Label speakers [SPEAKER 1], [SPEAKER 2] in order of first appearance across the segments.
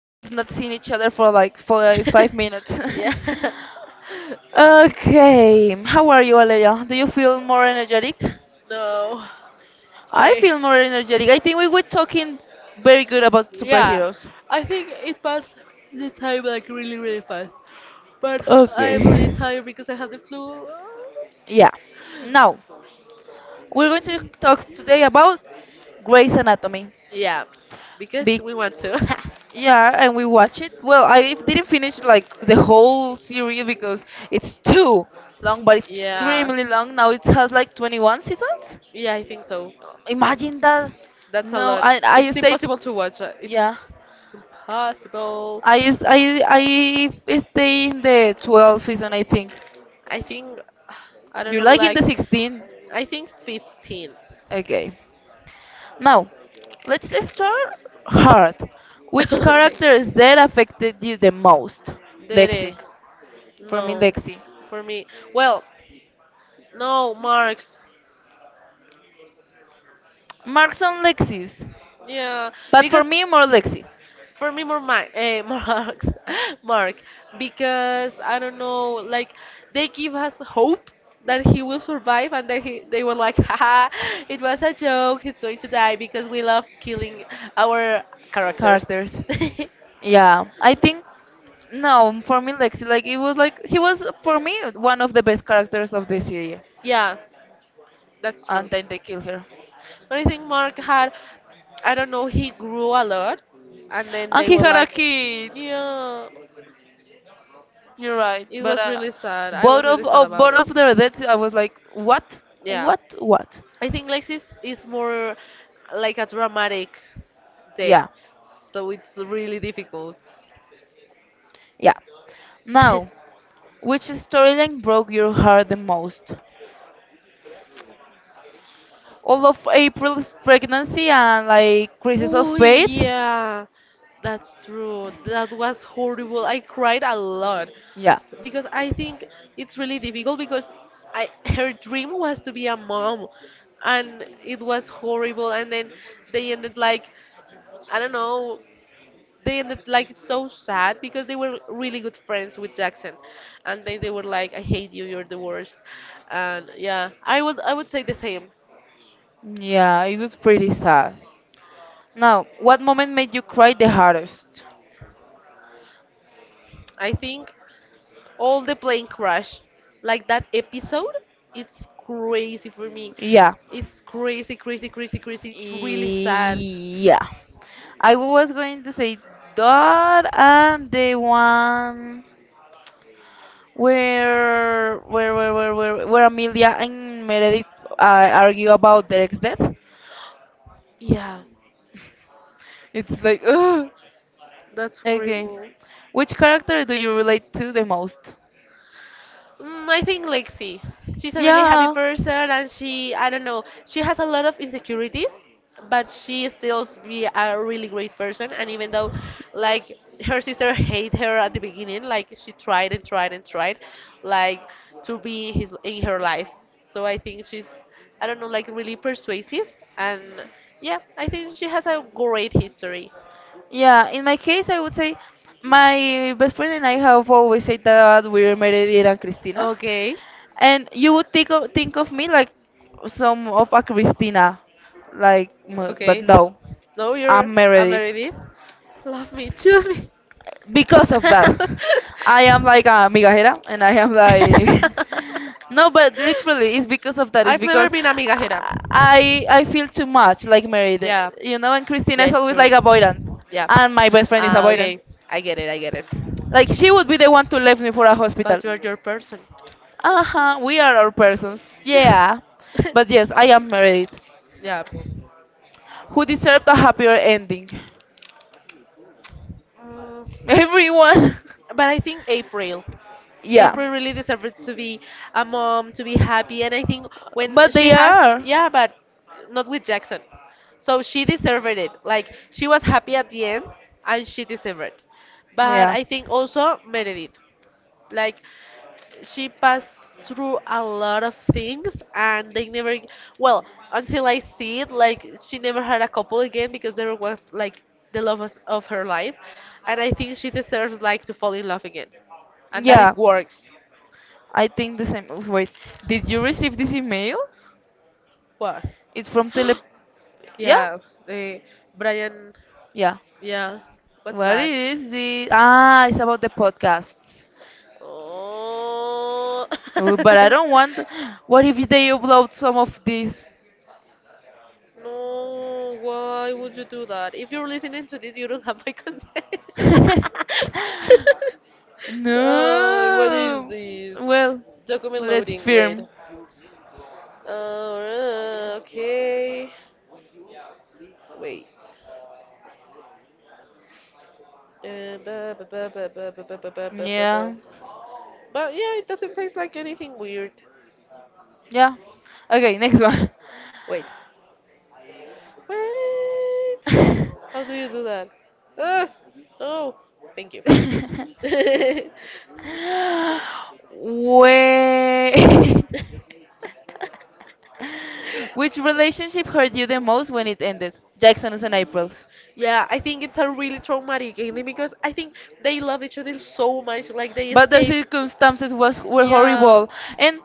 [SPEAKER 1] We have not seen each other for like 4, 5 minutes.
[SPEAKER 2] yeah.
[SPEAKER 1] Okay, how are you, Aleja? Do you feel more energetic?
[SPEAKER 2] No,
[SPEAKER 1] I
[SPEAKER 2] I
[SPEAKER 1] feel more energetic. I think we were talking very good about
[SPEAKER 2] Yeah.
[SPEAKER 1] superheroes.
[SPEAKER 2] I think it passed the time like really, really fast. But I
[SPEAKER 1] Okay.
[SPEAKER 2] am really tired because I have the flu.
[SPEAKER 1] Yeah. Now, we're going to talk today about Grey's Anatomy.
[SPEAKER 2] Yeah. Because we want to.
[SPEAKER 1] Yeah, and we watch it. Well, I didn't finish like the whole series because it's too long, but it's
[SPEAKER 2] yeah.
[SPEAKER 1] extremely long. Now it has like 21 seasons.
[SPEAKER 2] Yeah, I think so.
[SPEAKER 1] Imagine that.
[SPEAKER 2] That's a
[SPEAKER 1] No,
[SPEAKER 2] lot.
[SPEAKER 1] I
[SPEAKER 2] It's
[SPEAKER 1] stayed.
[SPEAKER 2] impossible to watch. It's
[SPEAKER 1] Yeah,
[SPEAKER 2] impossible.
[SPEAKER 1] I s- I stay in the 12th season, I think.
[SPEAKER 2] I think, I don't
[SPEAKER 1] You
[SPEAKER 2] know,
[SPEAKER 1] like in
[SPEAKER 2] like,
[SPEAKER 1] the 16?
[SPEAKER 2] I think 15.
[SPEAKER 1] Okay. Now, let's start hard. Which
[SPEAKER 2] okay.
[SPEAKER 1] character is there affected you the most?
[SPEAKER 2] Derek.
[SPEAKER 1] Lexi. For me,
[SPEAKER 2] No.
[SPEAKER 1] Lexi.
[SPEAKER 2] For me, well, no, Marx.
[SPEAKER 1] Marks on Lexis.
[SPEAKER 2] Yeah,
[SPEAKER 1] But for
[SPEAKER 2] because
[SPEAKER 1] me, more Lexi
[SPEAKER 2] for me more Mark, eh, Marx, Mark, because I don't know, like they give us hope that he will survive, and then they were like, haha, it was a joke. He's going to die because we love killing our characters.
[SPEAKER 1] characters. Yeah, I think no, for me Lexi like it was like he was for me one of the best characters of the series,
[SPEAKER 2] yeah, that's
[SPEAKER 1] and
[SPEAKER 2] true.
[SPEAKER 1] then they kill her,
[SPEAKER 2] But I think Mark had, I don't know, he grew a lot, and then
[SPEAKER 1] and
[SPEAKER 2] they
[SPEAKER 1] he
[SPEAKER 2] were
[SPEAKER 1] had a
[SPEAKER 2] like,
[SPEAKER 1] kid.
[SPEAKER 2] yeah,
[SPEAKER 1] You're right,
[SPEAKER 2] it
[SPEAKER 1] but
[SPEAKER 2] was really sad. I
[SPEAKER 1] both
[SPEAKER 2] was
[SPEAKER 1] of
[SPEAKER 2] really sad
[SPEAKER 1] oh,
[SPEAKER 2] about
[SPEAKER 1] both
[SPEAKER 2] it.
[SPEAKER 1] of their deaths, I was like,
[SPEAKER 2] Yeah.
[SPEAKER 1] what, what?
[SPEAKER 2] I think Lexis is more like a dramatic death,
[SPEAKER 1] Yeah,
[SPEAKER 2] so it's really difficult.
[SPEAKER 1] yeah. Now, which storyline broke your heart the most? All of April's pregnancy and like crisis of
[SPEAKER 2] Oh,
[SPEAKER 1] faith.
[SPEAKER 2] yeah. That's true. That was horrible. I cried a lot
[SPEAKER 1] Yeah.
[SPEAKER 2] because I think it's really difficult because I her dream was to be a mom and it was horrible, and then they ended like I don't know, they ended like so sad because they were really good friends with Jackson, and they were like, "I hate you, you're the worst," and yeah, I would say the same.
[SPEAKER 1] Yeah, it was pretty sad. Now, what moment made you cry the hardest?
[SPEAKER 2] I think all the plane crash, like that episode, it's crazy for me.
[SPEAKER 1] Yeah.
[SPEAKER 2] It's crazy, crazy, crazy, crazy. It's really sad.
[SPEAKER 1] Yeah. I was going to say that and the one where Amelia and Meredith argue about Derek's death.
[SPEAKER 2] Yeah,
[SPEAKER 1] It's like ugh.
[SPEAKER 2] that's
[SPEAKER 1] Okay.
[SPEAKER 2] horrible.
[SPEAKER 1] Which character do you relate to the most?
[SPEAKER 2] Mm, I think Lexi. She's a really happy
[SPEAKER 1] Yeah.
[SPEAKER 2] person, and she, I don't know, she has a lot of insecurities, but she still be a really great person. And even though, like, her sister hate her at the beginning, like she tried and tried and tried, like, to be his in her life. So I think she's, I don't know, like really persuasive, and yeah, I think she has a great history.
[SPEAKER 1] Yeah, in my case, I would say my best friend and I have always said that we're Meredith and Christina.
[SPEAKER 2] Okay,
[SPEAKER 1] And you would think of me like some of a Christina, like but
[SPEAKER 2] okay.
[SPEAKER 1] no,
[SPEAKER 2] No, you're
[SPEAKER 1] I'm
[SPEAKER 2] a
[SPEAKER 1] Meredith.
[SPEAKER 2] Meredith. Love me, choose me.
[SPEAKER 1] Because of that, I am like a migajera, and I am like, no, but literally, it's because of that. It's
[SPEAKER 2] I've never
[SPEAKER 1] because
[SPEAKER 2] been a migajera.
[SPEAKER 1] I feel too much like married,
[SPEAKER 2] Yeah,
[SPEAKER 1] you know. And Christina
[SPEAKER 2] yeah,
[SPEAKER 1] is
[SPEAKER 2] it's
[SPEAKER 1] always
[SPEAKER 2] true.
[SPEAKER 1] like avoidant,
[SPEAKER 2] Yeah.
[SPEAKER 1] and my best friend is
[SPEAKER 2] Ah,
[SPEAKER 1] avoidant.
[SPEAKER 2] okay, I get it. I get it.
[SPEAKER 1] Like she would be the one to leave me for a hospital.
[SPEAKER 2] But you're your person.
[SPEAKER 1] Uh huh. We are our persons.
[SPEAKER 2] Yeah.
[SPEAKER 1] Yeah, but yes, I am married.
[SPEAKER 2] yeah.
[SPEAKER 1] Who deserved a happier ending?
[SPEAKER 2] Mm,
[SPEAKER 1] Everyone.
[SPEAKER 2] but I think April.
[SPEAKER 1] Yeah.
[SPEAKER 2] April really deserves to be a mom, to be happy, and I think when
[SPEAKER 1] But
[SPEAKER 2] she
[SPEAKER 1] they
[SPEAKER 2] has,
[SPEAKER 1] are.
[SPEAKER 2] yeah, but not with Jackson. So she deserved it. Like she was happy at the end, and she deserved it. But I think also Meredith, like she passed through a lot of things and they never, well, until I see it, like she never had a couple again because there was like the love of her life, and I think she deserves like to fall in love again and that it
[SPEAKER 1] Yeah,
[SPEAKER 2] works.
[SPEAKER 1] I think the same. Wait, did you receive this email?
[SPEAKER 2] What?
[SPEAKER 1] It's from Tele. Yeah,
[SPEAKER 2] yeah, they, Brian,
[SPEAKER 1] yeah.
[SPEAKER 2] yeah. What's
[SPEAKER 1] What
[SPEAKER 2] that?
[SPEAKER 1] is it? Ah, it's about the podcasts.
[SPEAKER 2] Oh.
[SPEAKER 1] Oh, but I don't want. What if they upload some of these?
[SPEAKER 2] No, why would you do that? If you're listening to this, you don't have my consent. oh, what is
[SPEAKER 1] No.
[SPEAKER 2] this?
[SPEAKER 1] Well,
[SPEAKER 2] Document
[SPEAKER 1] let's
[SPEAKER 2] loading, wait.
[SPEAKER 1] film.
[SPEAKER 2] Oh, okay. Wait. Ba- ba- ba- ba- ba- ba- ba- ba- ba- ba- ba- ba.
[SPEAKER 1] Yeah,
[SPEAKER 2] But yeah, it doesn't taste like anything weird.
[SPEAKER 1] yeah. Okay, next one.
[SPEAKER 2] Wait. Wait. How do you do that? Ah, no. Thank you.
[SPEAKER 1] Wait. Which relationship hurt you the most when it ended? Jackson's and April's.
[SPEAKER 2] Yeah, I think it's a really traumatic ending because I think they love each other so much, like they
[SPEAKER 1] But their
[SPEAKER 2] escape.
[SPEAKER 1] circumstances was were
[SPEAKER 2] Yeah,
[SPEAKER 1] horrible and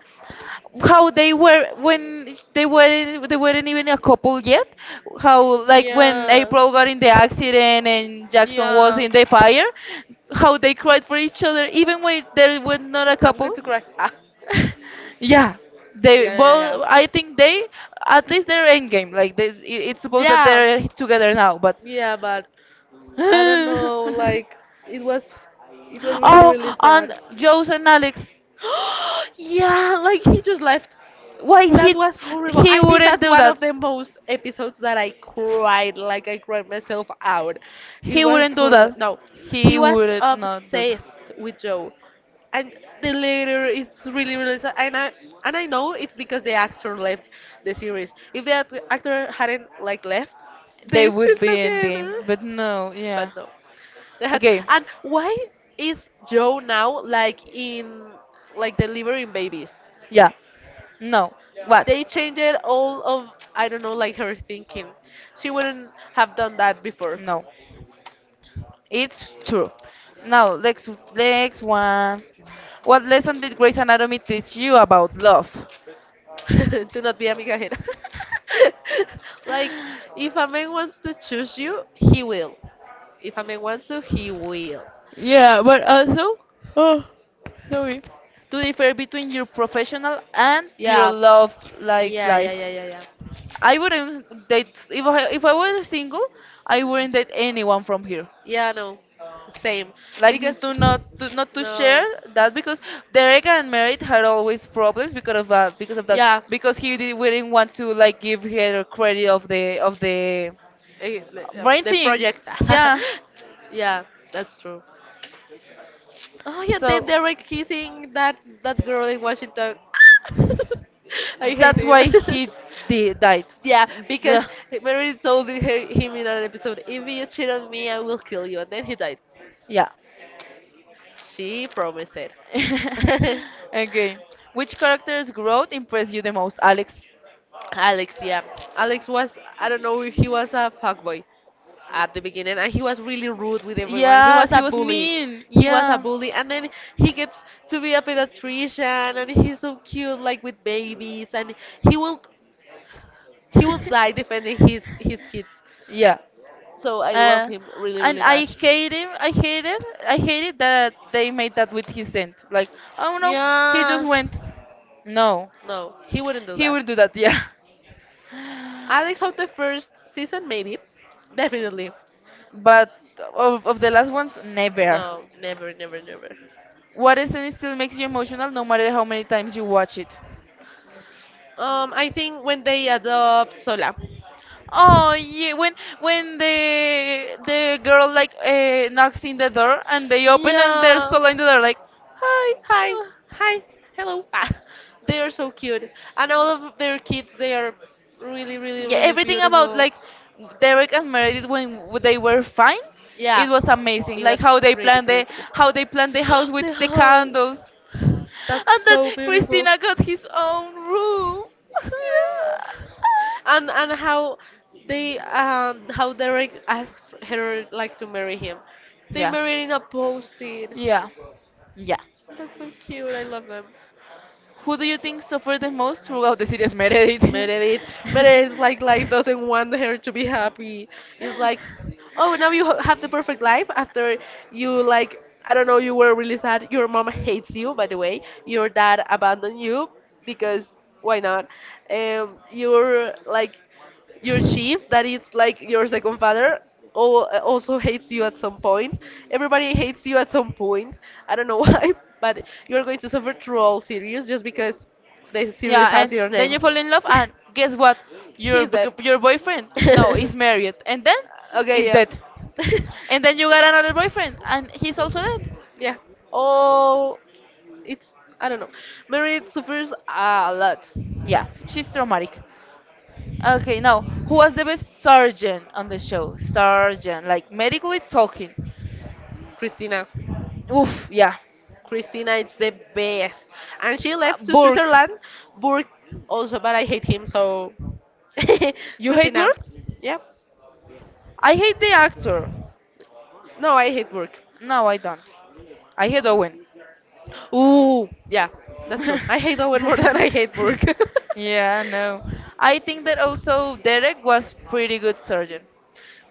[SPEAKER 1] how they were when they weren't even a couple yet, how like when
[SPEAKER 2] yeah,
[SPEAKER 1] April got in the accident and Jackson was
[SPEAKER 2] yeah.
[SPEAKER 1] in the fire, how they cried for each other even when they were not a
[SPEAKER 2] I'm going
[SPEAKER 1] couple.
[SPEAKER 2] to cry. Ah.
[SPEAKER 1] Yeah,
[SPEAKER 2] Yeah,
[SPEAKER 1] they
[SPEAKER 2] yeah,
[SPEAKER 1] well
[SPEAKER 2] yeah.
[SPEAKER 1] I think they, at least they're end game, like this, it's supposed that
[SPEAKER 2] Yeah,
[SPEAKER 1] they're together now, but
[SPEAKER 2] yeah, but I don't know. Like it was, it was really,
[SPEAKER 1] oh,
[SPEAKER 2] really
[SPEAKER 1] and
[SPEAKER 2] sad.
[SPEAKER 1] Joe's and Alex.
[SPEAKER 2] yeah, like he just left.
[SPEAKER 1] Why,
[SPEAKER 2] That
[SPEAKER 1] he
[SPEAKER 2] was horrible. I
[SPEAKER 1] he
[SPEAKER 2] think
[SPEAKER 1] wouldn't
[SPEAKER 2] that's
[SPEAKER 1] do
[SPEAKER 2] one
[SPEAKER 1] that?
[SPEAKER 2] of the most episodes that I cried, like I cried myself out. It
[SPEAKER 1] He
[SPEAKER 2] was
[SPEAKER 1] wouldn't do
[SPEAKER 2] horrible.
[SPEAKER 1] that.
[SPEAKER 2] No, he
[SPEAKER 1] He
[SPEAKER 2] was
[SPEAKER 1] would not do that.
[SPEAKER 2] obsessed with Joe, and the later it's really really sad. And I, and I know it's because the actor left the series. If the actor hadn't like left,
[SPEAKER 1] They
[SPEAKER 2] they're still
[SPEAKER 1] would be in the,
[SPEAKER 2] together.
[SPEAKER 1] but no, yeah.
[SPEAKER 2] But no. They had.
[SPEAKER 1] Okay,
[SPEAKER 2] And why is Joe now like in like delivering babies?
[SPEAKER 1] yeah. No. What?
[SPEAKER 2] They changed all of, I don't know, like her thinking. She wouldn't have done that before.
[SPEAKER 1] No. It's true. Now, next one. What lesson did Grey's Anatomy teach you about love?
[SPEAKER 2] Do not be a here. like if a man wants to choose you, he will. If a man wants to, he will.
[SPEAKER 1] Yeah, but also, oh, sorry, to differ between your professional and your
[SPEAKER 2] Yeah.
[SPEAKER 1] love like
[SPEAKER 2] Yeah, yeah,
[SPEAKER 1] life.
[SPEAKER 2] yeah, yeah, yeah.
[SPEAKER 1] I wouldn't date, if I were single, I wouldn't date anyone from here.
[SPEAKER 2] Yeah, no. Same.
[SPEAKER 1] Like
[SPEAKER 2] Because
[SPEAKER 1] to not to not to share
[SPEAKER 2] no.
[SPEAKER 1] that, because Derek and Merit had always problems because of that, because of that
[SPEAKER 2] Yeah,
[SPEAKER 1] because wouldn't want to like give her credit of the
[SPEAKER 2] eh, the, uh,
[SPEAKER 1] brain
[SPEAKER 2] the
[SPEAKER 1] thing.
[SPEAKER 2] project.
[SPEAKER 1] Yeah,
[SPEAKER 2] yeah, that's true. Oh yeah, they
[SPEAKER 1] so
[SPEAKER 2] were kissing that girl in Washington. I hate
[SPEAKER 1] that's
[SPEAKER 2] him.
[SPEAKER 1] why he di died.
[SPEAKER 2] yeah, because
[SPEAKER 1] Yeah.
[SPEAKER 2] Mary told her, him in an episode, if you cheat on me, I will kill you, and then he died.
[SPEAKER 1] Yeah.
[SPEAKER 2] She promised it.
[SPEAKER 1] Okay. Which character's growth impressed you the most, Alex?
[SPEAKER 2] Alex, yeah. Alex was, I don't know if he was a fuckboy at the beginning, and he was really rude with everyone. He was
[SPEAKER 1] Yes, he
[SPEAKER 2] a
[SPEAKER 1] was
[SPEAKER 2] bully.
[SPEAKER 1] mean.
[SPEAKER 2] He was a
[SPEAKER 1] Yeah.
[SPEAKER 2] bully, and then he gets to be a pediatrician, and he's so cute, like with babies, and he will, he will die defending his kids.
[SPEAKER 1] Yeah.
[SPEAKER 2] So I love
[SPEAKER 1] Uh,
[SPEAKER 2] him really, really
[SPEAKER 1] and I
[SPEAKER 2] bad.
[SPEAKER 1] hate him. I hate it. I hate it that they made that with his scent. Like, oh no, he just
[SPEAKER 2] Yeah,
[SPEAKER 1] went. No,
[SPEAKER 2] no, he wouldn't do
[SPEAKER 1] he
[SPEAKER 2] that.
[SPEAKER 1] will do that. Yeah.
[SPEAKER 2] Alex of the first season, maybe, definitely.
[SPEAKER 1] But of the last ones, never.
[SPEAKER 2] No, never, never, never.
[SPEAKER 1] What scene still makes you emotional, no matter how many times you watch it?
[SPEAKER 2] I think when they adopt Sola.
[SPEAKER 1] Oh yeah, when the girl like knocks in the door and they open and there's
[SPEAKER 2] Yeah.
[SPEAKER 1] Sola in the door like, hi.
[SPEAKER 2] Hi, hi, hello. Ah, they are so cute, and all of their kids, they are really, really,
[SPEAKER 1] Yeah,
[SPEAKER 2] really
[SPEAKER 1] everything about
[SPEAKER 2] beautiful.
[SPEAKER 1] like Derek and Meredith when they were fine,
[SPEAKER 2] Yeah,
[SPEAKER 1] it was amazing.
[SPEAKER 2] it was
[SPEAKER 1] Like how they
[SPEAKER 2] pretty,
[SPEAKER 1] planned
[SPEAKER 2] pretty,
[SPEAKER 1] the
[SPEAKER 2] pretty.
[SPEAKER 1] how they planned the house with
[SPEAKER 2] The
[SPEAKER 1] the
[SPEAKER 2] house.
[SPEAKER 1] candles, and
[SPEAKER 2] That's
[SPEAKER 1] that
[SPEAKER 2] so beautiful.
[SPEAKER 1] Christina got his own room.
[SPEAKER 2] Yeah. And how they how Derek asked her like to marry him. They
[SPEAKER 1] Yeah,
[SPEAKER 2] married in a post-it.
[SPEAKER 1] yeah, yeah.
[SPEAKER 2] That's so cute. I love them.
[SPEAKER 1] Who do you think suffered the most throughout the series, Meredith?
[SPEAKER 2] Meredith, Meredith like doesn't want her to be happy. It's like, oh, now you have the perfect life after you like I don't know. You were really sad. Your mom hates you, by the way. Your dad abandoned you because why not? You're like your chief that it's like your second father also hates you at some point, everybody hates you at some point, I don't know why, but you're going to suffer through all series just because the
[SPEAKER 1] Yeah,
[SPEAKER 2] series
[SPEAKER 1] and
[SPEAKER 2] has your
[SPEAKER 1] then
[SPEAKER 2] name.
[SPEAKER 1] you fall in love, and guess what? Your
[SPEAKER 2] he's dead.
[SPEAKER 1] b- your boyfriend no is married, and then
[SPEAKER 2] okay,
[SPEAKER 1] is
[SPEAKER 2] yeah.
[SPEAKER 1] dead, and then you got another boyfriend, and he's also dead.
[SPEAKER 2] yeah, all, it's I don't know, Mary suffers a lot.
[SPEAKER 1] Yeah, she's traumatic. Okay, now, who was the best surgeon on the show? Surgeon, like medically talking.
[SPEAKER 2] Christina.
[SPEAKER 1] Oof, yeah.
[SPEAKER 2] Christina is the best. And she
[SPEAKER 1] B-
[SPEAKER 2] left to
[SPEAKER 1] Burke.
[SPEAKER 2] Switzerland, Burke also, but I hate him, so.
[SPEAKER 1] You hate
[SPEAKER 2] Christina.
[SPEAKER 1] Burke?
[SPEAKER 2] Yeah.
[SPEAKER 1] I hate the actor.
[SPEAKER 2] No, I hate Burke.
[SPEAKER 1] No, I don't. I hate Owen.
[SPEAKER 2] Ooh, yeah, that's true. I hate Owen more than I hate Burke.
[SPEAKER 1] Yeah, no. I think that also Derek was pretty good surgeon.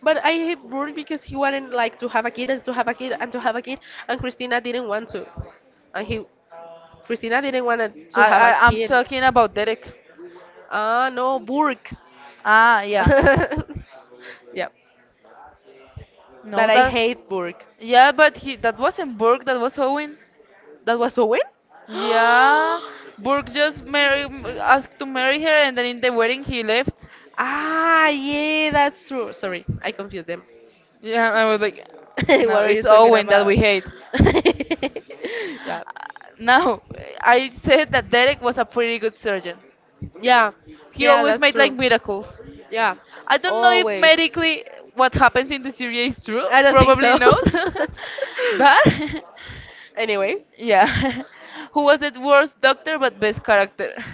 [SPEAKER 2] But I hate Burke because he wanted like to have a kid and to have a kid and to have a kid, and Christina didn't want to. And he, Christina didn't want to
[SPEAKER 1] I,
[SPEAKER 2] have a
[SPEAKER 1] I I'm
[SPEAKER 2] kid.
[SPEAKER 1] talking about Derek.
[SPEAKER 2] Ah, no, Burke.
[SPEAKER 1] Ah, yeah.
[SPEAKER 2] yeah,
[SPEAKER 1] No,
[SPEAKER 2] that I
[SPEAKER 1] that
[SPEAKER 2] hate Burke.
[SPEAKER 1] yeah, but he that wasn't Burke, that was Owen.
[SPEAKER 2] That was Owen?
[SPEAKER 1] Yeah, Burke just asked to marry her, and then in the wedding he left.
[SPEAKER 2] ah, yeah, that's true. Sorry, I confused them.
[SPEAKER 1] Yeah, I was like, no,
[SPEAKER 2] what are you
[SPEAKER 1] it's
[SPEAKER 2] talking
[SPEAKER 1] Owen that
[SPEAKER 2] about?
[SPEAKER 1] we hate.
[SPEAKER 2] yeah,
[SPEAKER 1] Now, I said that Derek was a pretty good surgeon.
[SPEAKER 2] yeah,
[SPEAKER 1] He
[SPEAKER 2] yeah,
[SPEAKER 1] always
[SPEAKER 2] that's
[SPEAKER 1] made like
[SPEAKER 2] true.
[SPEAKER 1] miracles.
[SPEAKER 2] Yeah,
[SPEAKER 1] I don't know if
[SPEAKER 2] always.
[SPEAKER 1] medically what happens in the series is true.
[SPEAKER 2] I don't think
[SPEAKER 1] Probably
[SPEAKER 2] so.
[SPEAKER 1] not. But
[SPEAKER 2] anyway,
[SPEAKER 1] yeah, who was the worst doctor but best character?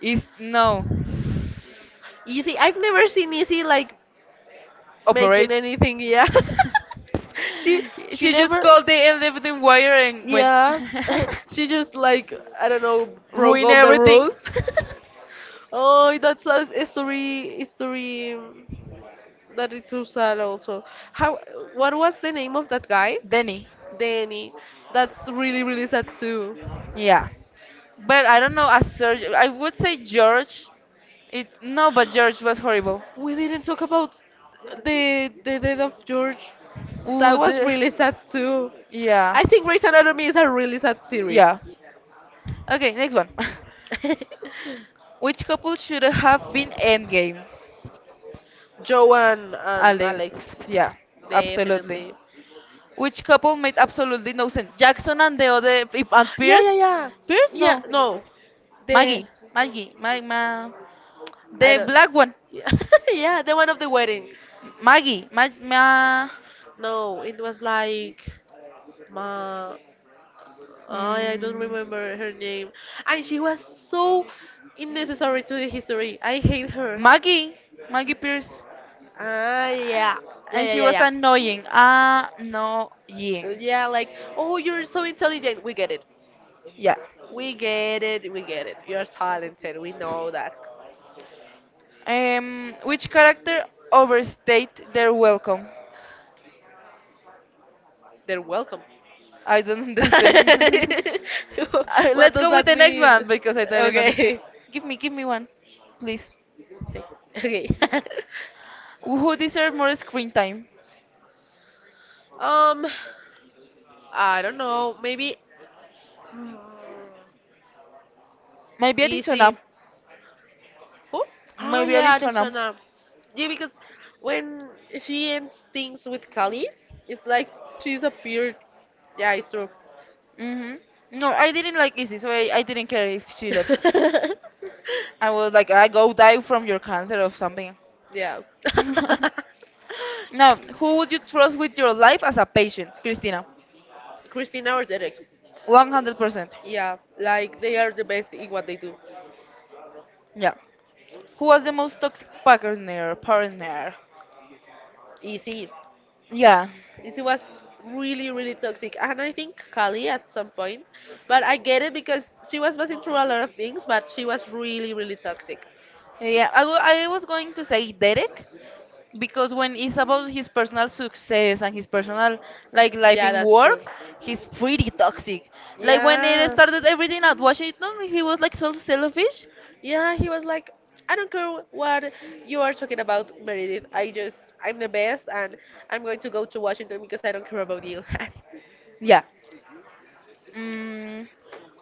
[SPEAKER 1] Is no.
[SPEAKER 2] easy. I've never seen Easy like making
[SPEAKER 1] Operate.
[SPEAKER 2] anything. Yeah, she she
[SPEAKER 1] She just
[SPEAKER 2] never.
[SPEAKER 1] called the elevator wire and went
[SPEAKER 2] Yeah, she just like I don't know broke
[SPEAKER 1] ruin
[SPEAKER 2] all the
[SPEAKER 1] everything.
[SPEAKER 2] rules. oh, that's a story, a story, that is so sad also. How? What was the name of that guy?
[SPEAKER 1] Danny,
[SPEAKER 2] Danny. That's really really sad too.
[SPEAKER 1] yeah, but I don't know. As Serge, I would say George. It no, but George was horrible.
[SPEAKER 2] We didn't talk about the death of George. That
[SPEAKER 1] Ooh,
[SPEAKER 2] was really sad too.
[SPEAKER 1] yeah,
[SPEAKER 2] I think Grey's Anatomy is a really sad series.
[SPEAKER 1] yeah. Okay, next one. Which couple should have been endgame?
[SPEAKER 2] Joe and
[SPEAKER 1] Alex,
[SPEAKER 2] Alex.
[SPEAKER 1] yeah, absolutely.
[SPEAKER 2] Definitely.
[SPEAKER 1] Which couple made absolutely no sense? Jackson and the other and
[SPEAKER 2] Yeah, yeah,
[SPEAKER 1] Pierce.
[SPEAKER 2] yeah.
[SPEAKER 1] Pierce,
[SPEAKER 2] Yeah,
[SPEAKER 1] no.
[SPEAKER 2] no. The
[SPEAKER 1] Maggie, Maggie,
[SPEAKER 2] I
[SPEAKER 1] the
[SPEAKER 2] don't.
[SPEAKER 1] black one,
[SPEAKER 2] Yeah, yeah, the one of the wedding.
[SPEAKER 1] Maggie, ma, ma,
[SPEAKER 2] No, it was like Ma, I don't
[SPEAKER 1] mm,
[SPEAKER 2] remember her name. And she was so unnecessary to the history. I hate her.
[SPEAKER 1] Maggie, Maggie Pierce,
[SPEAKER 2] Ah, yeah.
[SPEAKER 1] and
[SPEAKER 2] Yeah,
[SPEAKER 1] she
[SPEAKER 2] yeah,
[SPEAKER 1] was
[SPEAKER 2] yeah,
[SPEAKER 1] annoying,
[SPEAKER 2] yeah.
[SPEAKER 1] annoying,
[SPEAKER 2] Yeah, like, oh, you're so intelligent. We get it.
[SPEAKER 1] yeah.
[SPEAKER 2] We get it. We get it. You're talented. We know that.
[SPEAKER 1] Which character overstayed their welcome?
[SPEAKER 2] They're welcome.
[SPEAKER 1] I don't understand.
[SPEAKER 2] what
[SPEAKER 1] Let's
[SPEAKER 2] does
[SPEAKER 1] go with
[SPEAKER 2] that
[SPEAKER 1] the next
[SPEAKER 2] mean?
[SPEAKER 1] one because I didn't understand.
[SPEAKER 2] Okay.
[SPEAKER 1] Give me one, please.
[SPEAKER 2] Okay.
[SPEAKER 1] Who deserves more screen time?
[SPEAKER 2] um, I don't know. Maybe mm,
[SPEAKER 1] Maybe Arizona.
[SPEAKER 2] easy. Who? Oh
[SPEAKER 1] Maybe
[SPEAKER 2] yeah,
[SPEAKER 1] Arizona.
[SPEAKER 2] Arizona. Yeah, because when she ends things with Kali, it's like she's appeared. Yeah, it's true.
[SPEAKER 1] Hmm. No, I didn't like Izzy, so I didn't care if she left. I was like, I go die from your cancer or something.
[SPEAKER 2] yeah.
[SPEAKER 1] Now, who would you trust with your life as a patient, Christina?
[SPEAKER 2] Christina or Derek.
[SPEAKER 1] 100%.
[SPEAKER 2] Yeah, like they are the best in what they do.
[SPEAKER 1] Yeah. Who was the most toxic partner? Partner.
[SPEAKER 2] Easy.
[SPEAKER 1] Yeah.
[SPEAKER 2] This was really, really toxic. And I think Kali at some point. But I get it because she was passing through a lot of things, but she was really, really toxic.
[SPEAKER 1] Yeah, I was going to say Derek because when it's about his personal success and his personal like life
[SPEAKER 2] Yeah,
[SPEAKER 1] in
[SPEAKER 2] that's true.
[SPEAKER 1] work, he's pretty toxic. Like when it
[SPEAKER 2] Yeah.
[SPEAKER 1] started everything at Washington, he was like so selfish.
[SPEAKER 2] Yeah, he was like, I don't care what you are talking about, Meredith. I'm the best, and I'm going to go to Washington because I don't care about you.
[SPEAKER 1] Yeah. Mm,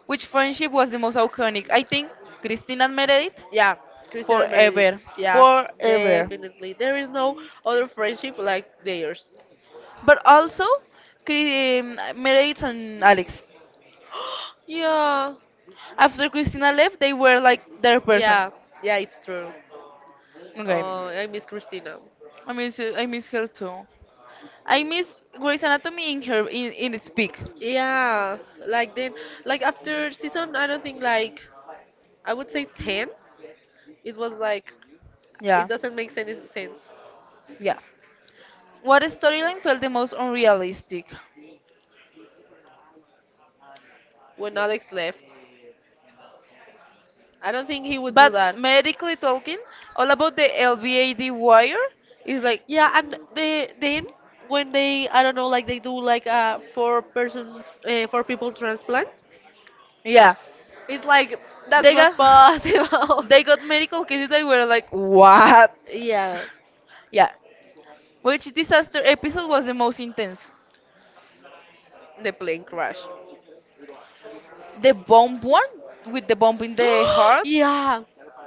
[SPEAKER 1] which friendship was the most iconic? I think Christine and Meredith
[SPEAKER 2] yeah, Christian and Meredith.
[SPEAKER 1] forever,
[SPEAKER 2] Yeah,
[SPEAKER 1] forever.
[SPEAKER 2] definitely. There is no other friendship like theirs.
[SPEAKER 1] But also Meredith and Alex.
[SPEAKER 2] yeah,
[SPEAKER 1] After Christina left, they were like their person.
[SPEAKER 2] yeah, yeah, it's true.
[SPEAKER 1] Okay,
[SPEAKER 2] Oh, I miss Christina.
[SPEAKER 1] I miss, I miss her too. I miss Grey's Anatomy in her in its peak.
[SPEAKER 2] Yeah, like then, like after season, I don't think like I would say 10. It was like
[SPEAKER 1] Yeah,
[SPEAKER 2] it doesn't make any sense
[SPEAKER 1] yeah. What storyline felt the most unrealistic?
[SPEAKER 2] when Alex left. I don't think he would do
[SPEAKER 1] But
[SPEAKER 2] that.
[SPEAKER 1] medically talking, all about the LVAD wire is like,
[SPEAKER 2] Yeah, and they then when they I don't know like they do like a four person, four people transplant,
[SPEAKER 1] yeah,
[SPEAKER 2] it's like that's
[SPEAKER 1] they got
[SPEAKER 2] not possible.
[SPEAKER 1] they got medical cases that were like, what?
[SPEAKER 2] yeah,
[SPEAKER 1] Yeah. Which disaster episode was the most intense?
[SPEAKER 2] the plane crash.
[SPEAKER 1] The bomb one with the bomb in the heart,
[SPEAKER 2] yeah,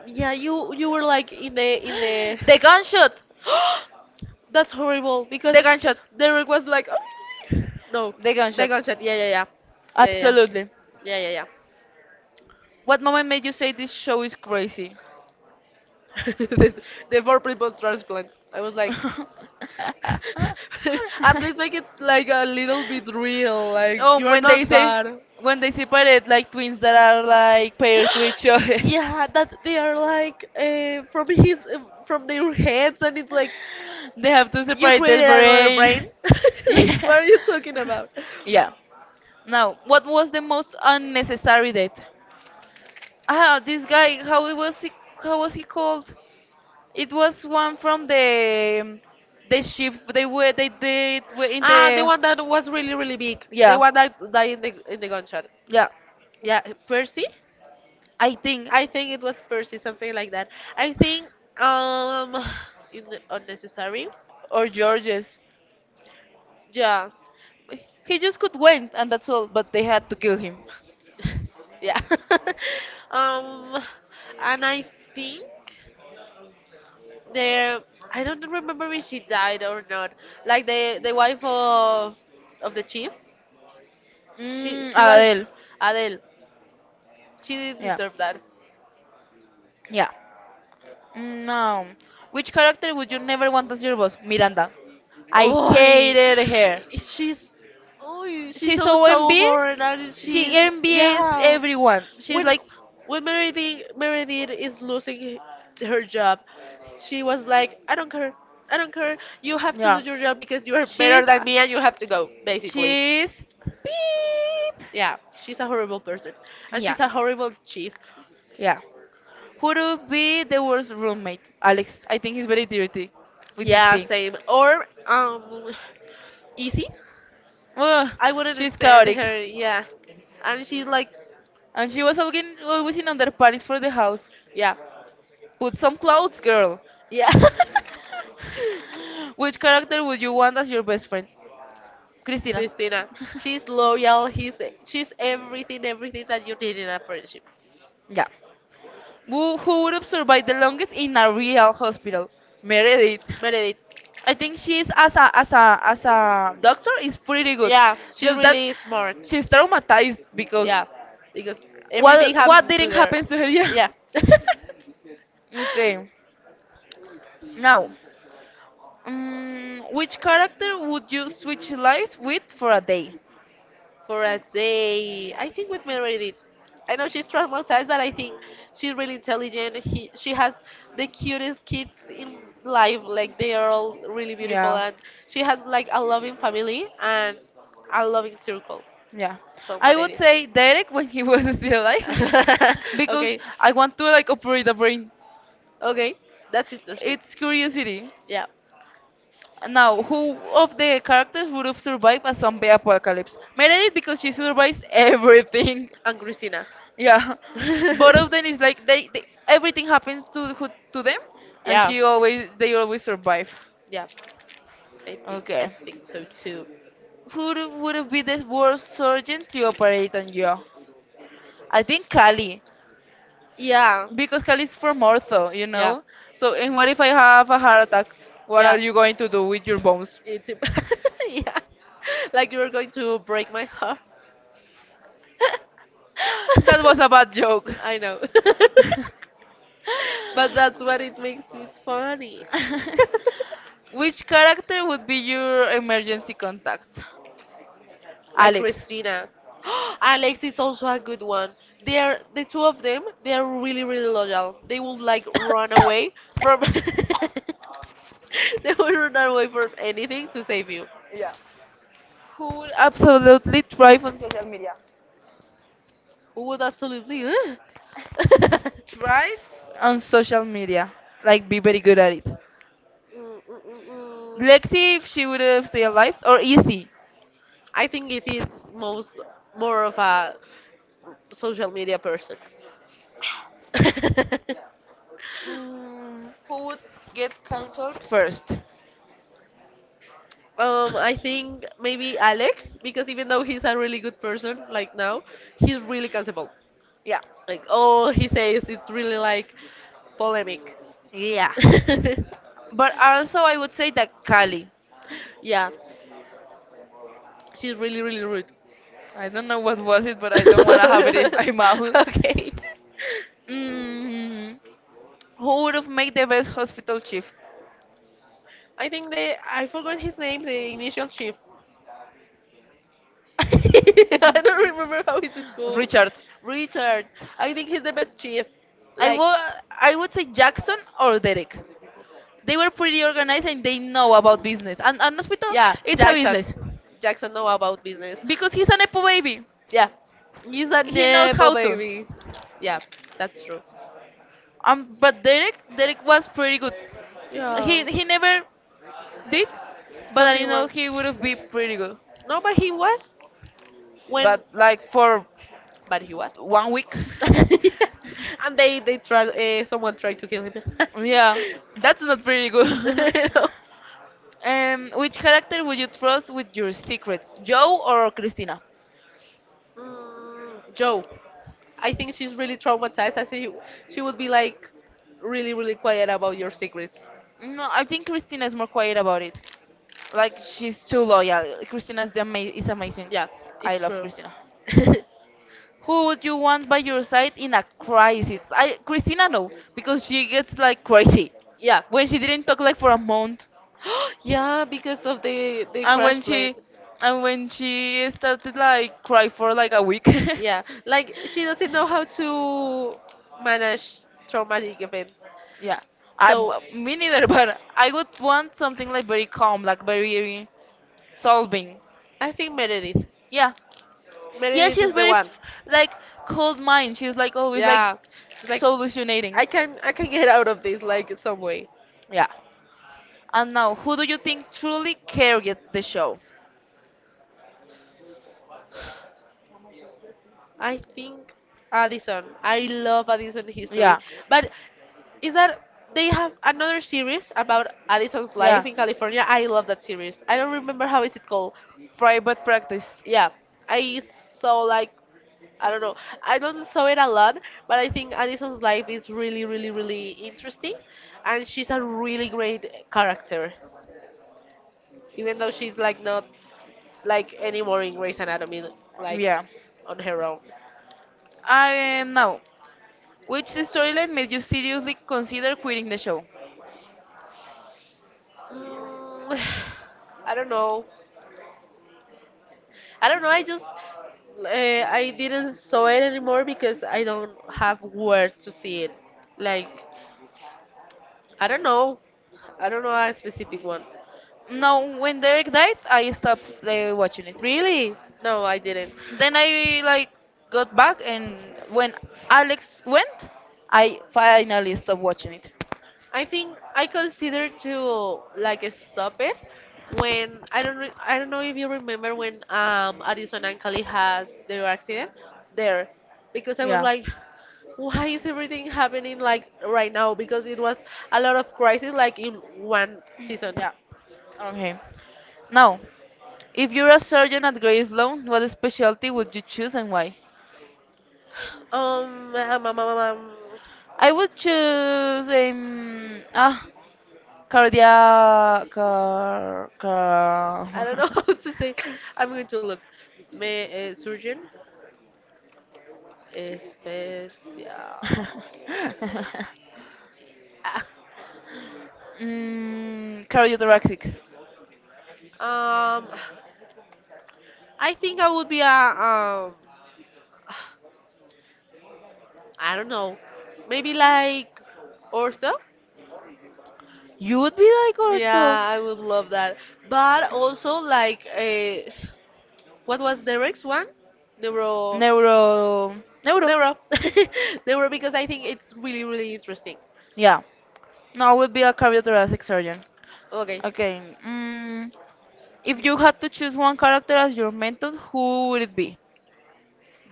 [SPEAKER 2] yeah. You were like in the.
[SPEAKER 1] the gunshot,
[SPEAKER 2] That's horrible because
[SPEAKER 1] the gunshot,
[SPEAKER 2] Derek was like, "Oh." No,
[SPEAKER 1] the
[SPEAKER 2] the
[SPEAKER 1] gunshot.
[SPEAKER 2] gunshot. Yeah, yeah, yeah, yeah, yeah, yeah,
[SPEAKER 1] Absolutely.
[SPEAKER 2] yeah, yeah, yeah.
[SPEAKER 1] What moment made you say this show is crazy?
[SPEAKER 2] the, the four people transplant. I was like, at least make it like a little bit real. Like
[SPEAKER 1] Oh,
[SPEAKER 2] you are not God.
[SPEAKER 1] when they separate like twins that are like paired to each other,
[SPEAKER 2] Yeah, that they are like from his from their heads, and it's like
[SPEAKER 1] they have to
[SPEAKER 2] you
[SPEAKER 1] separate their
[SPEAKER 2] created another brain.
[SPEAKER 1] brain.
[SPEAKER 2] Like
[SPEAKER 1] Yeah.
[SPEAKER 2] what are you talking about?
[SPEAKER 1] Yeah. Now, what was the most unnecessary date? Ah, this guy. How he was he? How was he called? It was one from the ship they were they did were in
[SPEAKER 2] Ah, the
[SPEAKER 1] the.
[SPEAKER 2] one that was really really big. The
[SPEAKER 1] Yeah,
[SPEAKER 2] one that died in the gunshot.
[SPEAKER 1] yeah.
[SPEAKER 2] Yeah, Percy.
[SPEAKER 1] I think.
[SPEAKER 2] I think it was Percy, something like that. I think um, in unnecessary.
[SPEAKER 1] Or Georges.
[SPEAKER 2] Yeah,
[SPEAKER 1] He just could win, and that's all, but they had to kill him.
[SPEAKER 2] yeah. um, and I think. The I don't remember if she died or not. Like the wife of the chief, she was
[SPEAKER 1] Adele.
[SPEAKER 2] Adele. She didn't
[SPEAKER 1] Yeah.
[SPEAKER 2] deserve that.
[SPEAKER 1] Yeah. No. Which character would you never want as your boss? Miranda. I
[SPEAKER 2] Oh,
[SPEAKER 1] hated her.
[SPEAKER 2] she's oh she's
[SPEAKER 1] She's
[SPEAKER 2] so
[SPEAKER 1] so envious.
[SPEAKER 2] sober and she's
[SPEAKER 1] She envies
[SPEAKER 2] yeah.
[SPEAKER 1] everyone. She's
[SPEAKER 2] When
[SPEAKER 1] like,
[SPEAKER 2] when Meredith is losing her job, she was like, I don't care. I don't care. You have to
[SPEAKER 1] yeah.
[SPEAKER 2] lose your job because you are
[SPEAKER 1] She's,
[SPEAKER 2] better than me and you have to go, basically.
[SPEAKER 1] she's, beep.
[SPEAKER 2] Yeah, she's a horrible person, and
[SPEAKER 1] Yeah.
[SPEAKER 2] she's a horrible chief.
[SPEAKER 1] Yeah. Who would be the worst roommate? Alex. I think he's very dirty with his
[SPEAKER 2] Yeah,
[SPEAKER 1] things.
[SPEAKER 2] same. Or easy.
[SPEAKER 1] Oh,
[SPEAKER 2] I wouldn't
[SPEAKER 1] she's
[SPEAKER 2] stand
[SPEAKER 1] chaotic.
[SPEAKER 2] her. Yeah, and she's like,
[SPEAKER 1] And she was always always in under parties for the house.
[SPEAKER 2] yeah,
[SPEAKER 1] Put some clothes, girl.
[SPEAKER 2] yeah.
[SPEAKER 1] Which character would you want as your best friend? Christina.
[SPEAKER 2] Christina, she's loyal. He's she's everything, everything that you need in a friendship.
[SPEAKER 1] Yeah. Who would have survived the longest in a real hospital? Meredith.
[SPEAKER 2] Meredith.
[SPEAKER 1] I think she's as a as a doctor is pretty good.
[SPEAKER 2] Yeah, she's
[SPEAKER 1] Just that
[SPEAKER 2] really smart.
[SPEAKER 1] she's traumatized because
[SPEAKER 2] Yeah, because everything
[SPEAKER 1] what
[SPEAKER 2] happens to
[SPEAKER 1] didn't
[SPEAKER 2] there.
[SPEAKER 1] happen to her? Yeah.
[SPEAKER 2] Yeah.
[SPEAKER 1] Okay. Now, which character would you switch lives with for a day?
[SPEAKER 2] For a day, I think we married it. I know she's traumatized, but I think she's really intelligent. He, she has the cutest kids in life. Like they are all really beautiful,
[SPEAKER 1] Yeah,
[SPEAKER 2] and she has like a loving family and a loving circle.
[SPEAKER 1] yeah.
[SPEAKER 2] So
[SPEAKER 1] I
[SPEAKER 2] married
[SPEAKER 1] would
[SPEAKER 2] it.
[SPEAKER 1] say Derek when he was still alive, because
[SPEAKER 2] Okay.
[SPEAKER 1] I want to like operate the brain.
[SPEAKER 2] Okay, that's interesting.
[SPEAKER 1] It's curiosity.
[SPEAKER 2] Yeah,
[SPEAKER 1] Now, who of the characters would have survived a zombie apocalypse? Meredith, because she survives everything.
[SPEAKER 2] and Christina.
[SPEAKER 1] Yeah, both of them is like they everything happens to to them, and
[SPEAKER 2] yeah.
[SPEAKER 1] she always they always survive.
[SPEAKER 2] Yeah. I
[SPEAKER 1] Okay,
[SPEAKER 2] think so too.
[SPEAKER 1] who would be the worst surgeon to operate on you? I think Kali,
[SPEAKER 2] Yeah.
[SPEAKER 1] because Kali's from ortho, you
[SPEAKER 2] Yeah.
[SPEAKER 1] know. So, and what if I have a heart attack? What are
[SPEAKER 2] Yeah.
[SPEAKER 1] you going to do with your bones?
[SPEAKER 2] It's yeah. Like you were going to break my heart.
[SPEAKER 1] That was a bad joke.
[SPEAKER 2] I know. But that's what it makes it funny.
[SPEAKER 1] Which character would be your emergency contact?
[SPEAKER 2] Like
[SPEAKER 1] Alex.
[SPEAKER 2] Christina. Alex is also a good one. They're the two of them. They're really really loyal. They will like run away from. They will run away from anything to save you.
[SPEAKER 1] Yeah. Who will absolutely thrive on social media?
[SPEAKER 2] Who would absolutely? Huh? mm,
[SPEAKER 1] Thrive on social media. Like, be very good at it.
[SPEAKER 2] mm, mm, mm.
[SPEAKER 1] Lexi, if she would have stayed alive, or Izzy.
[SPEAKER 2] I think it is most more of a social media person.
[SPEAKER 1] Who would get cancelled first?
[SPEAKER 2] I think maybe Alex, because even though he's a really good person, like now, he's really cancelable.
[SPEAKER 1] Yeah.
[SPEAKER 2] Like all he says, it's really like polemic.
[SPEAKER 1] Yeah. But also, I would say that Kali.
[SPEAKER 2] Yeah, she's really really rude.
[SPEAKER 1] I don't know what was it, but I don't want to have it in my mouth.
[SPEAKER 2] okay.
[SPEAKER 1] Mm, who would have made the best hospital chief?
[SPEAKER 2] I think they. I forgot his name. The initial chief. I don't remember how is it called.
[SPEAKER 1] Richard.
[SPEAKER 2] Richard. I think he's the best chief.
[SPEAKER 1] I
[SPEAKER 2] Like.
[SPEAKER 1] wa- I would say Jackson or Derek. They were pretty organized and they know about business. And an hospital,
[SPEAKER 2] Yeah,
[SPEAKER 1] it's a
[SPEAKER 2] Jackson.
[SPEAKER 1] business
[SPEAKER 2] Jackson know about business.
[SPEAKER 1] because he's an EPO baby.
[SPEAKER 2] Yeah. He's a
[SPEAKER 1] He knows
[SPEAKER 2] nepo
[SPEAKER 1] how to.
[SPEAKER 2] baby. Yeah, that's true.
[SPEAKER 1] But Derek, Derek was pretty good.
[SPEAKER 2] Yeah.
[SPEAKER 1] He never did, but I
[SPEAKER 2] Something
[SPEAKER 1] know
[SPEAKER 2] wrong.
[SPEAKER 1] he would have been pretty good.
[SPEAKER 2] No, when
[SPEAKER 1] But like for
[SPEAKER 2] but he was.
[SPEAKER 1] one week,
[SPEAKER 2] And they tried someone tried to kill him.
[SPEAKER 1] yeah, that's not pretty good.
[SPEAKER 2] No.
[SPEAKER 1] Which character would you trust with your secrets, Joe or Christina?
[SPEAKER 2] Joe, I think she's really traumatized. I think she would be like really, really quiet about your secrets.
[SPEAKER 1] No, I think Christina is more quiet about it. Like she's too loyal. Christina is is amazing.
[SPEAKER 2] Yeah,
[SPEAKER 1] I
[SPEAKER 2] it's
[SPEAKER 1] love
[SPEAKER 2] true.
[SPEAKER 1] Christina. Who would you want by your side in a crisis? I Christina no, because she gets like crazy
[SPEAKER 2] yeah.
[SPEAKER 1] when she didn't talk like for a month,
[SPEAKER 2] Yeah, because of the
[SPEAKER 1] and
[SPEAKER 2] crash
[SPEAKER 1] when
[SPEAKER 2] plane.
[SPEAKER 1] she and when she started like cry for like a week.
[SPEAKER 2] Yeah, like she doesn't know how to manage traumatic events.
[SPEAKER 1] Yeah,
[SPEAKER 2] So
[SPEAKER 1] me neither, but I would want something like very calm, like very solving.
[SPEAKER 2] I think Meredith.
[SPEAKER 1] Yeah, yeah,
[SPEAKER 2] Meredith is the one.
[SPEAKER 1] like cold mind. She's like always like
[SPEAKER 2] Yeah, she's like,
[SPEAKER 1] solutionating.
[SPEAKER 2] I can get out of this like some way.
[SPEAKER 1] Yeah. And now, who do you think truly carried the show?
[SPEAKER 2] I think Addison. I love Addison history,
[SPEAKER 1] Yeah,
[SPEAKER 2] but is that they have another series about Addison's
[SPEAKER 1] yeah.
[SPEAKER 2] life in California. I love that series. I don't remember how is it called.
[SPEAKER 1] Private practice.
[SPEAKER 2] Yeah, I saw like I don't know. I don't saw it a lot, but I think Addison's life is really, really, really interesting, and she's a really great character. Even though she's like not like anymore in Grey's Anatomy, like
[SPEAKER 1] Yeah.
[SPEAKER 2] on her own.
[SPEAKER 1] Now, which storyline made you seriously consider quitting the show?
[SPEAKER 2] Mm, I don't know. I don't know. I just I didn't saw it anymore because I don't have where to see it. Like I don't know. I don't know a specific one.
[SPEAKER 1] No, when Derek died, I stopped watching it.
[SPEAKER 2] Really? No, I didn't.
[SPEAKER 1] Then I like got back, and when Alex went, I finally stopped watching it.
[SPEAKER 2] I think I consider to like stop it when I don't re- I don't know if you remember when Arizona and Cali has their accident there because I was
[SPEAKER 1] Yeah,
[SPEAKER 2] like why is everything happening like right now because it was a lot of crisis like in one season
[SPEAKER 1] yeah. Okay. Now, if you're a surgeon at Grey Sloan, what specialty would you choose and why?
[SPEAKER 2] um, um, um, um, um,
[SPEAKER 1] I would choose cardia car
[SPEAKER 2] I don't know
[SPEAKER 1] car
[SPEAKER 2] how to say I'm going to look me surgeon especial
[SPEAKER 1] cardiothoracic.
[SPEAKER 2] Ah. I think I would be a I don't know, maybe like ortho.
[SPEAKER 1] You would be like ortho.
[SPEAKER 2] Yeah, I would love that. But also like what was the next one? Neuro
[SPEAKER 1] Neuro. Neuro.
[SPEAKER 2] neuro neuro because I think it's really really interesting.
[SPEAKER 1] Yeah. No, I would be a cardiothoracic surgeon.
[SPEAKER 2] Okay,
[SPEAKER 1] Okay. If you had to choose one character as your mentor, who would it be?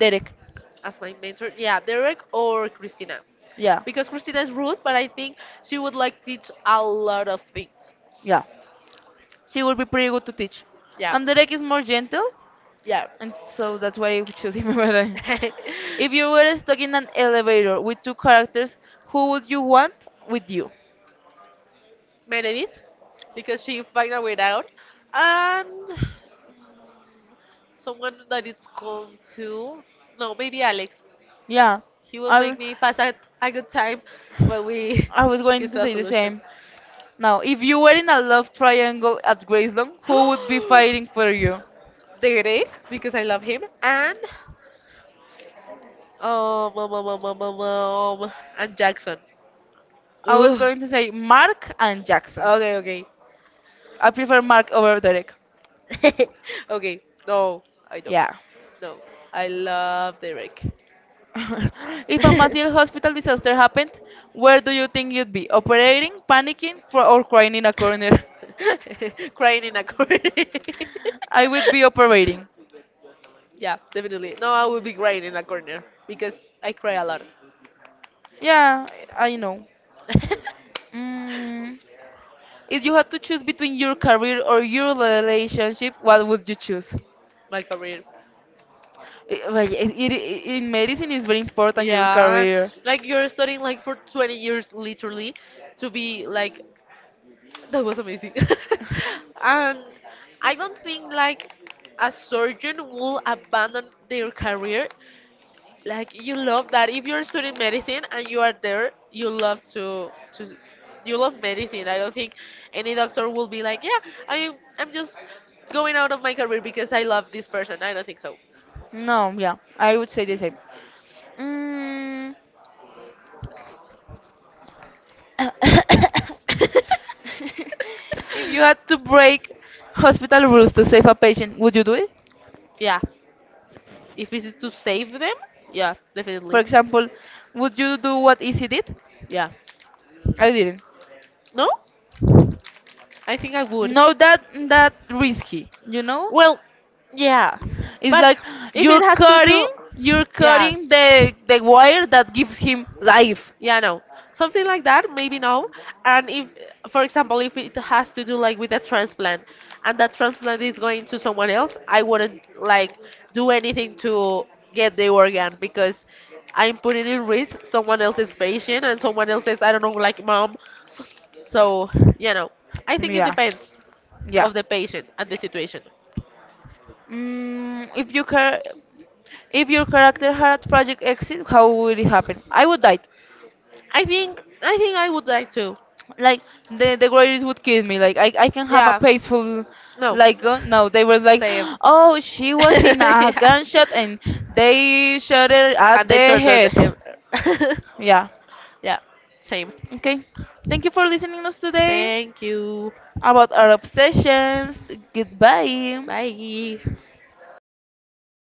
[SPEAKER 1] Derek.
[SPEAKER 2] as my mentor, yeah, Derek or Christina,
[SPEAKER 1] Yeah.
[SPEAKER 2] because Christina is rude, but I think she would like teach a lot of things.
[SPEAKER 1] Yeah. He would be pretty good to teach.
[SPEAKER 2] Yeah,
[SPEAKER 1] And Derek is more gentle,
[SPEAKER 2] yeah.
[SPEAKER 1] and so that's why you choose him. But, if you were stuck in an elevator with two characters, who would you want with you?
[SPEAKER 2] Meredith because she find a way out, and someone that it's called to no maybe Alex.
[SPEAKER 1] Yeah,
[SPEAKER 2] He will
[SPEAKER 1] I
[SPEAKER 2] make me pass a good time when we
[SPEAKER 1] was going
[SPEAKER 2] get
[SPEAKER 1] to
[SPEAKER 2] to a
[SPEAKER 1] say the
[SPEAKER 2] solution.
[SPEAKER 1] same. Now, if you were in a love triangle at Graceland, who would be fighting for you?
[SPEAKER 2] Derek because I love him um, um, um, um, um, um, um, and Jackson.
[SPEAKER 1] I was
[SPEAKER 2] Ooh,
[SPEAKER 1] going to say Mark and Jackson.
[SPEAKER 2] okay,
[SPEAKER 1] I prefer Mark over Derek.
[SPEAKER 2] okay, okay. No, I don't.
[SPEAKER 1] Yeah.
[SPEAKER 2] No, I love Derek.
[SPEAKER 1] If a massive hospital disaster happened, where do you think you'd be? Operating, panicking, or crying in a corner?
[SPEAKER 2] Crying in a corner.
[SPEAKER 1] I would be operating.
[SPEAKER 2] Yeah, definitely. No, I will be crying in a corner because I cry a lot.
[SPEAKER 1] Yeah, I know. Mm, if you had to choose between your career or your relationship, what would you choose?
[SPEAKER 2] My career.
[SPEAKER 1] Eh, well, yes, in medicine is very important your
[SPEAKER 2] Yeah,
[SPEAKER 1] career.
[SPEAKER 2] like you're studying like for 20 years literally to be like that was amazing. And I don't think like a surgeon will abandon their career. Like you love that. If you're studying medicine and you are there, you love to you love medicine. I don't think any doctor will be like, yeah, I I'm just going out of my career because I love this person. I don't think so.
[SPEAKER 1] No, yeah, I would say the same. Mm. If you had to break hospital rules to save a patient, would you do it?
[SPEAKER 2] yeah. If it's to save them, yeah,
[SPEAKER 1] For
[SPEAKER 2] definitely.
[SPEAKER 1] example, would you do what Izzy did?
[SPEAKER 2] Yeah.
[SPEAKER 1] I didn't.
[SPEAKER 2] No? I think I would.
[SPEAKER 1] No, that that risky, you know.
[SPEAKER 2] Well, yeah.
[SPEAKER 1] It's
[SPEAKER 2] But
[SPEAKER 1] like
[SPEAKER 2] if it
[SPEAKER 1] you're
[SPEAKER 2] has to
[SPEAKER 1] cutting,
[SPEAKER 2] do
[SPEAKER 1] you're
[SPEAKER 2] yeah.
[SPEAKER 1] cutting the wire that gives him life.
[SPEAKER 2] Yeah, no. Something like that, maybe no. And if, for example, if it has to do like with a transplant and that transplant is going to someone else, I wouldn't like do anything to get the organ because I'm putting in risk someone else's patient and someone else's, I don't know, like mom. So, you know, I think it
[SPEAKER 1] Yeah,
[SPEAKER 2] depends
[SPEAKER 1] yeah.
[SPEAKER 2] of the patient and the situation.
[SPEAKER 1] Mm, if you care. If your character had a tragic exit, how would it happen? I would die.
[SPEAKER 2] I think I would like to.
[SPEAKER 1] Like the greatest would kill me. Like I can have a
[SPEAKER 2] Yeah.
[SPEAKER 1] peaceful
[SPEAKER 2] No.
[SPEAKER 1] like no, they were like,
[SPEAKER 2] Same.
[SPEAKER 1] oh, she was in a
[SPEAKER 2] yeah.
[SPEAKER 1] gunshot and they shot her at
[SPEAKER 2] And they
[SPEAKER 1] the
[SPEAKER 2] tortured
[SPEAKER 1] head.
[SPEAKER 2] him.
[SPEAKER 1] Yeah.
[SPEAKER 2] yeah. Same.
[SPEAKER 1] Okay. Thank you for listening us today
[SPEAKER 2] Thank you.
[SPEAKER 1] about our obsessions. Goodbye.
[SPEAKER 2] Bye.